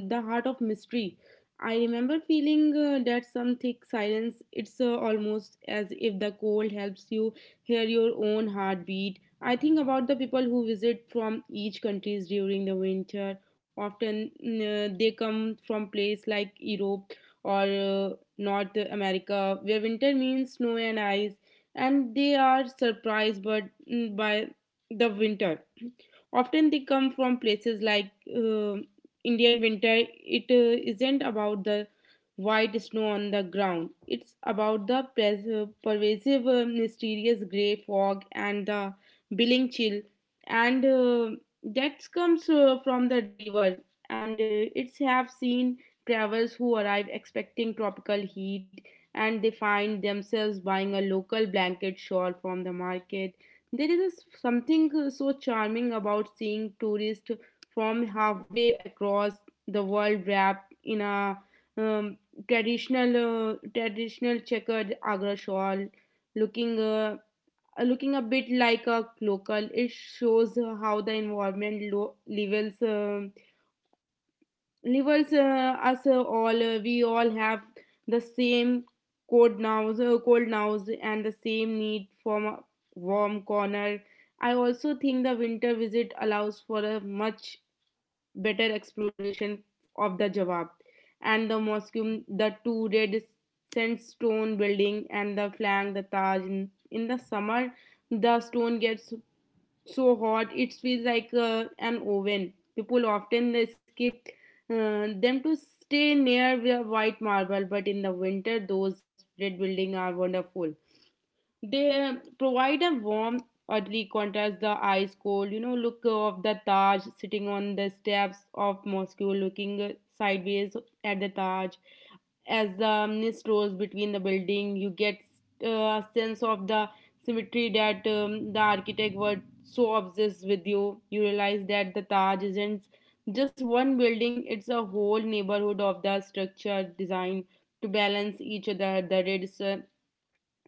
Speaker 2: the heart of mystery. I remember feeling uh, that some thick silence. It's uh, almost as if the cold helps you hear your own heartbeat. I think about the people who visit from each countries during the winter. Often mm, uh, they come from place like Europe or uh, North America, where winter means snow and ice, and they are surprised but mm, by the winter. Often they come from places like uh, Indian winter. It uh, isn't about the white snow on the ground. It's about the pres- uh, pervasive, uh, mysterious gray fog and the billing chill, and uh, that comes uh, from the river. And uh, It's have seen travelers who arrive expecting tropical heat, and they find themselves buying a local blanket shawl from the market. There is a s- something uh, so charming about seeing tourists from halfway across the world wrapped in a um, traditional, uh, traditional checkered Agra shawl, looking uh, uh, looking a bit like a local. It shows uh, how the environment lo- levels. um Reverse uh, us uh, all. Uh, we all have the same cold nows, uh, cold nows, and the same need for a warm corner. I also think the winter visit allows for a much better exploration of the Jawab and the mosque, um, the two red sandstone building, and the flank, the Taj. In, in the summer, the stone gets so hot it feels like uh, an oven. People often they skip uh, them to stay near the white marble, but in the winter those red buildings are wonderful. They provide a warm, oddly contrast the ice cold, you know, look of the Taj sitting on the steps of Moscow, looking sideways at the Taj. As the mist rose between the building, you get uh, a sense of the symmetry that um, the architect was so obsessed with you. You realize that the Taj isn't just one building, it's a whole neighborhood of the structure design to balance each other. The red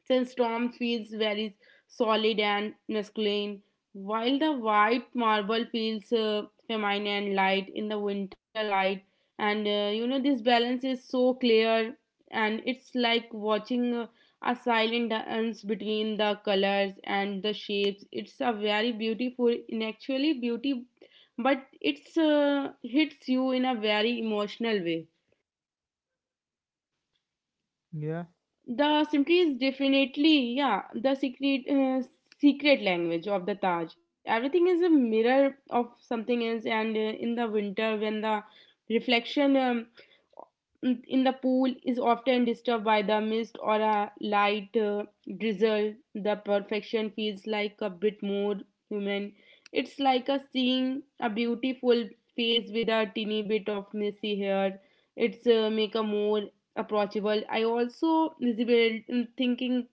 Speaker 2: since Tom feels very solid and masculine, while the white marble feels uh, feminine and light in the winter light. And uh, you know, this balance is so clear, and it's like watching uh, a silent dance between the colors and the shapes. It's a very beautiful, in actually beauty, but it's uh, hits you in a very emotional way.
Speaker 1: Yeah,
Speaker 2: The symmetry is definitely, yeah, the secret uh, secret language of the Taj. Everything is a mirror of something else, and uh, in the winter, when the reflection um, in the pool is often disturbed by the mist or a light uh, drizzle, the perfection feels like a bit more human. It's like a seeing a beautiful face with a teeny bit of messy hair. It's uh, make a more approachable. I also resemble- mm, thinking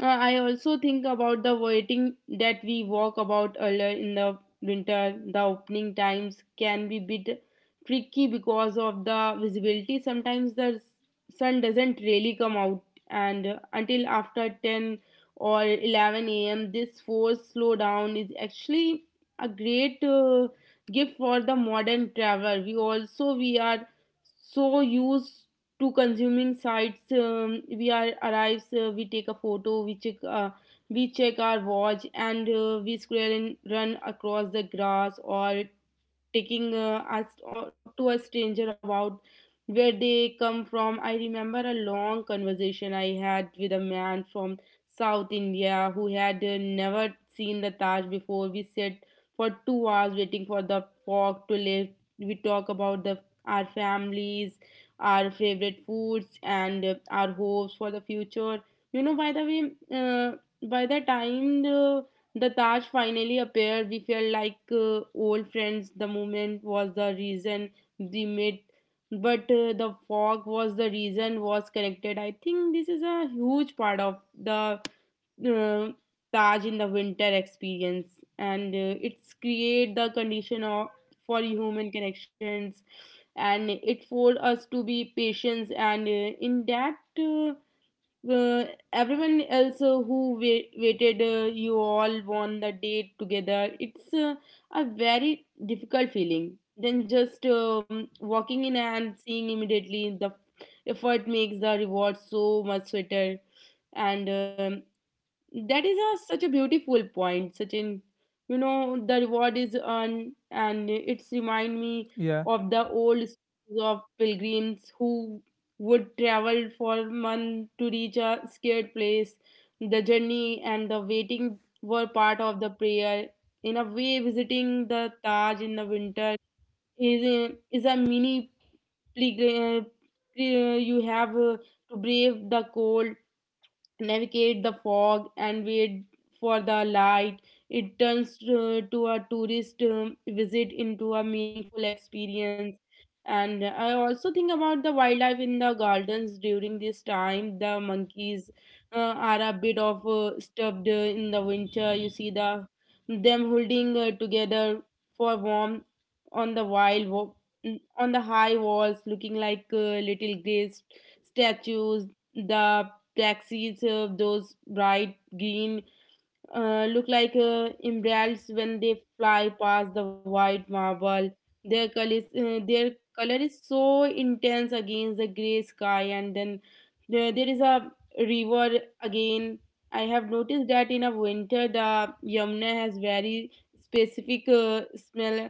Speaker 2: uh, I also think about the waiting that we walk about earlier in the winter. The opening times can be bit tricky because of the visibility. Sometimes the s- sun doesn't really come out and uh, until after ten or eleven a.m. This forced slowdown is actually a great uh, gift for the modern traveler. We also we are so used to consuming sites. Um, we are arrives, uh, we take a photo, we check uh, we check our watch, and uh, we scroll and run across the grass or taking uh, us o- to a stranger about where they come from. I remember a long conversation I had with a man from South India who had uh, never seen the Taj before. We sat for two hours waiting for the fog to lift. We talk about the our families, our favorite foods, and uh, our hopes for the future. You know, by the way, uh, by the time the the Taj finally appeared. We felt like uh, old friends. The moment was the reason we met, but uh, the fog was the reason was connected. I think this is a huge part of the uh, Taj in the winter experience, and uh, it's create the condition of for human connections, and it for us to be patient. And uh, in that. Uh, uh, Everyone else uh, who wait, waited uh, you all won the date together. It's uh, a very difficult feeling than just um, walking in and seeing immediately. The effort makes the reward so much sweeter, and um, that is a, such a beautiful point Sachin. You know the reward is earned and it's remind me
Speaker 1: yeah,
Speaker 2: of the old stories of pilgrims who would travel for months to reach a scared place. The journey and the waiting were part of the prayer. In a way visiting the Taj in the winter is a, is a mini pilgrim. You have uh, to brave the cold, navigate the fog and wait for the light. It turns uh, to a tourist um, visit into a meaningful experience. And I also think about the wildlife in the gardens during this time. The monkeys uh, are a bit of uh, stuffed uh, in the winter. You see the them holding uh, together for warmth on the wild wa- on the high walls, looking like uh, little gray statues. The taxis, uh, those bright green, uh, look like uh, umbrellas when they fly past the white marble. Their color, is, uh, their color is so intense against the gray sky, and then there, there is a river again. I have noticed that in a winter the Yamuna has very specific uh, smell.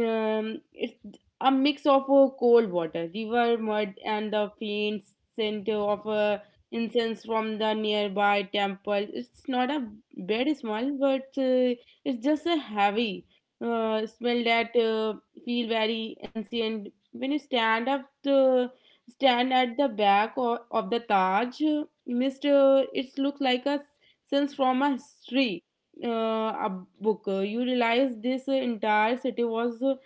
Speaker 2: um, It's a mix of uh, cold water river mud and the faint scent of uh, incense from the nearby temple. It's not a bad smell, but uh, it's just a heavy uh, smell that uh, feel very ancient when you stand up the stand at the back o- of the Taj. uh, Mist, uh, it looks like a sense from a history uh, a book. Uh, You realize this uh, entire city was uh,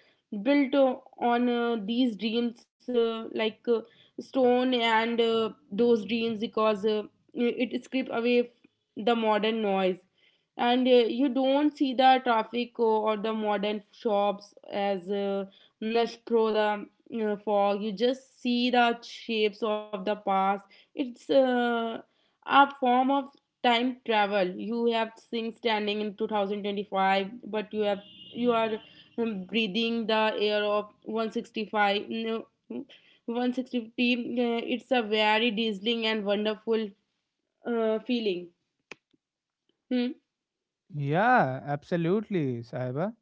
Speaker 2: built uh, on uh, these dreams, uh, like uh, stone and uh, those dreams, because uh, it it strip away the modern noise, and uh, you don't see the traffic uh, or the modern shops as uh, nudged through the uh, fog. You just see the shapes of the past. It's uh, a form of time travel. You have things standing in two thousand twenty-five, but you have you are um, breathing the air of one sixty-five, no, one sixty, uh, it's a very dazzling and wonderful uh, feeling. Hmm.
Speaker 1: yeah, absolutely, Saiba.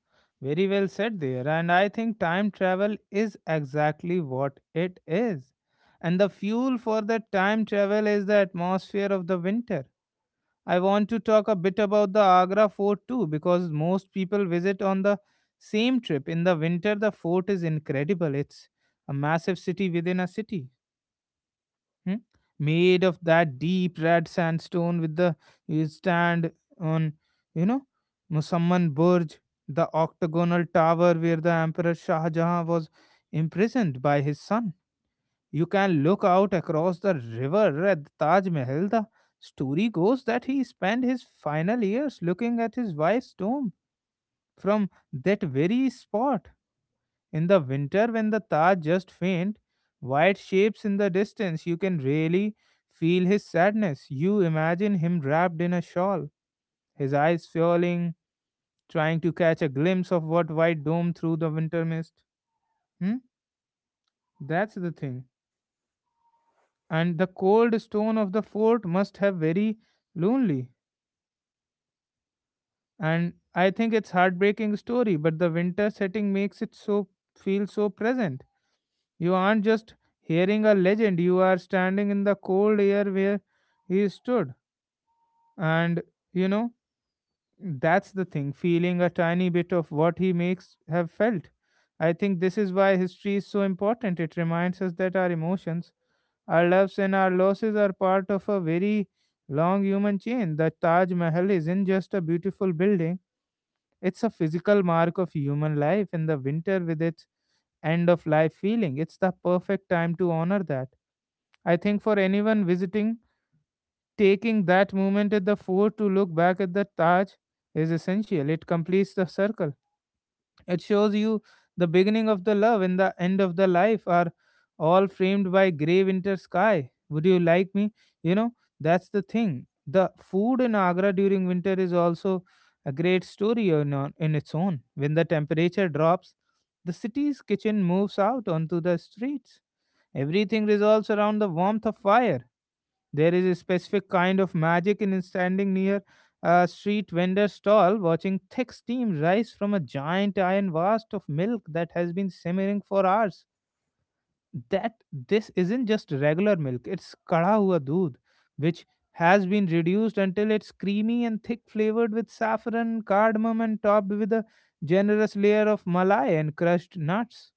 Speaker 1: Very well said there. And I think time travel is exactly what it is. And the fuel for the time travel is the atmosphere of the winter. I want to talk a bit about the Agra fort too, because most people visit on the same trip. In the winter, the fort is incredible. It's a massive city within a city, hmm, made of that deep red sandstone with the you stand on, you know, Musamman Burj, the octagonal tower where the Emperor Shah Jahan was imprisoned by his son. You can look out across the river at the Taj Mahal. The story goes that he spent his final years looking at his wife's tomb from that very spot. In the winter, when the Taj just faint, white shapes in the distance, you can really feel his sadness. You imagine him wrapped in a shawl, his eyes falling, trying to catch a glimpse of what white dome through the winter mist. Hmm? That's the thing. And the cold stone of the fort must have very lonely, and I think it's heartbreaking story, but the winter setting makes it so feel so present. You aren't just hearing a legend, you are standing in the cold air where he stood. And you know that's the thing, feeling a tiny bit of what he makes have felt. I think this is why history is so important. It reminds us that our emotions, our loves and our losses are part of a very long human chain. The Taj Mahal isn't just a beautiful building, it's a physical mark of human life in the winter with its end of life feeling. It's the perfect time to honor that. I think for anyone visiting, taking that moment at the fort to look back at the Taj is essential. It completes the circle. It shows you the beginning of the love and the end of the life are all framed by grey winter sky. Would you like me? You know, that's the thing. The food in Agra during winter is also a great story on, on- in its own. When the temperature drops, the city's kitchen moves out onto the streets. Everything revolves around the warmth of fire. There is a specific kind of magic in standing near a street vendor's stall, watching thick steam rise from a giant iron vast of milk that has been simmering for hours. That this isn't just regular milk, it's kada hua doodh, which has been reduced until it's creamy and thick, flavored with saffron, cardamom, and topped with a generous layer of malai and crushed nuts.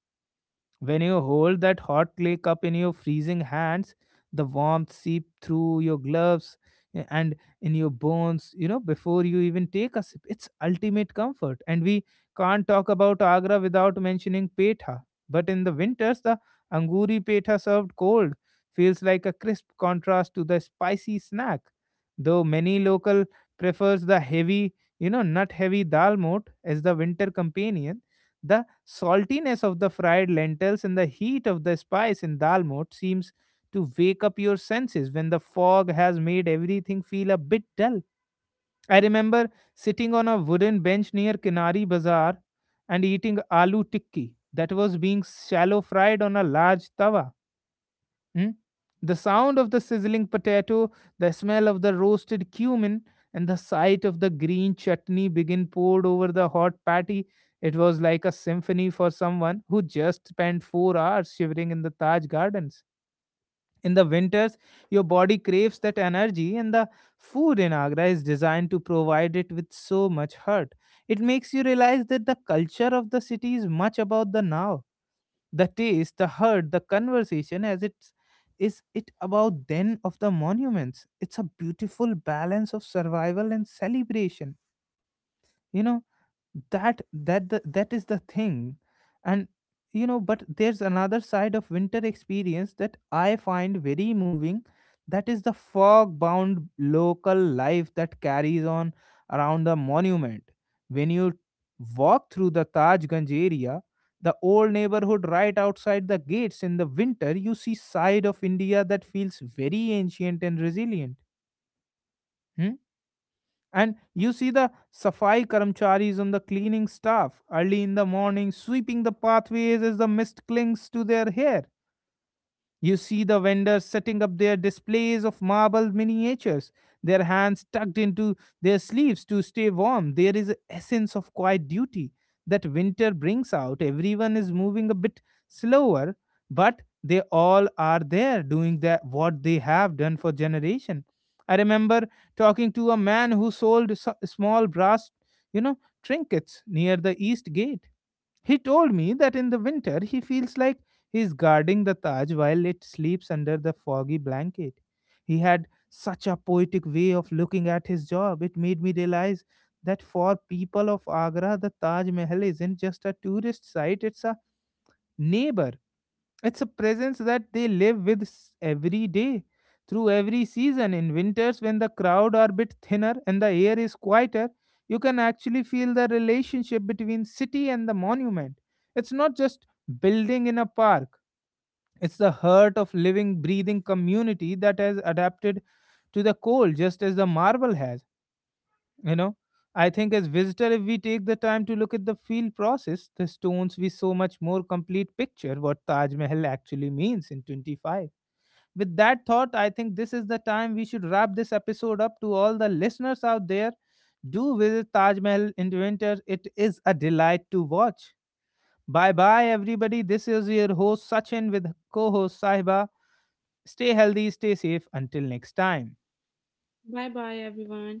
Speaker 1: When you hold that hot clay cup in your freezing hands, the warmth seep through your gloves eh, and in your bones, you know, before you even take a sip. It's ultimate comfort. And we can't talk about Agra without mentioning Petha. But in the winters, the Anguri Petha served cold feels like a crisp contrast to the spicy snack. Though many local prefers the heavy, you know, nut heavy dal mote as the winter companion. The saltiness of the fried lentils and the heat of the spice in dal mote seems to wake up your senses when the fog has made everything feel a bit dull. I remember sitting on a wooden bench near Kinari Bazaar and eating aloo tikki that was being shallow fried on a large tawa. Mm? The sound of the sizzling potato, the smell of the roasted cumin, and the sight of the green chutney begin poured over the hot patty. It was like a symphony for someone who just spent four hours shivering in the Taj Gardens. In the winters, your body craves that energy, and the food in Agra is designed to provide it with so much heart. It makes you realize that the culture of the city is much about the now, the taste, the hurt, the conversation as it's, is it about then of the monuments. It's a beautiful balance of survival and celebration. you know that that the, that is the thing. And you know but there's another side of winter experience that I find very moving, that is the fog bound local life that carries on around the monument. When you walk through the Tajganj area, the old neighborhood right outside the gates in the winter, you see side of India that feels very ancient and resilient. Hmm? And you see the Safai Karamcharis on the cleaning staff early in the morning sweeping the pathways as the mist clings to their hair. You see the vendors setting up their displays of marble miniatures, their hands tucked into their sleeves to stay warm. There is a essence of quiet duty that winter brings out. Everyone is moving a bit slower, but they all are there doing that what they have done for generation. I remember talking to a man who sold s- small brass, you know, trinkets near the east gate. He told me that in the winter he feels like he's guarding the Taj while it sleeps under the foggy blanket. He had such a poetic way of looking at his job. It made me realize that for people of Agra, the Taj Mahal isn't just a tourist site, it's a neighbor. It's a presence that they live with s- every day, through every season. In winters, when the crowd are a bit thinner and the air is quieter, you can actually feel the relationship between city and the monument. It's not just building in a park, it's the heart of living, breathing community that has adapted to the cold just as the marble has. you know I think as visitor if we take the time to look at the field process the stones we so much more complete picture what Taj Mahal actually means in 25. With that thought, I think this is the time we should wrap this episode up. To all the listeners out there, do visit Taj Mahal in winter. It is a delight to watch. Bye bye everybody, this is your host Sachin with co-host Sahiba. Stay healthy, stay safe until next time.
Speaker 2: Bye bye everyone.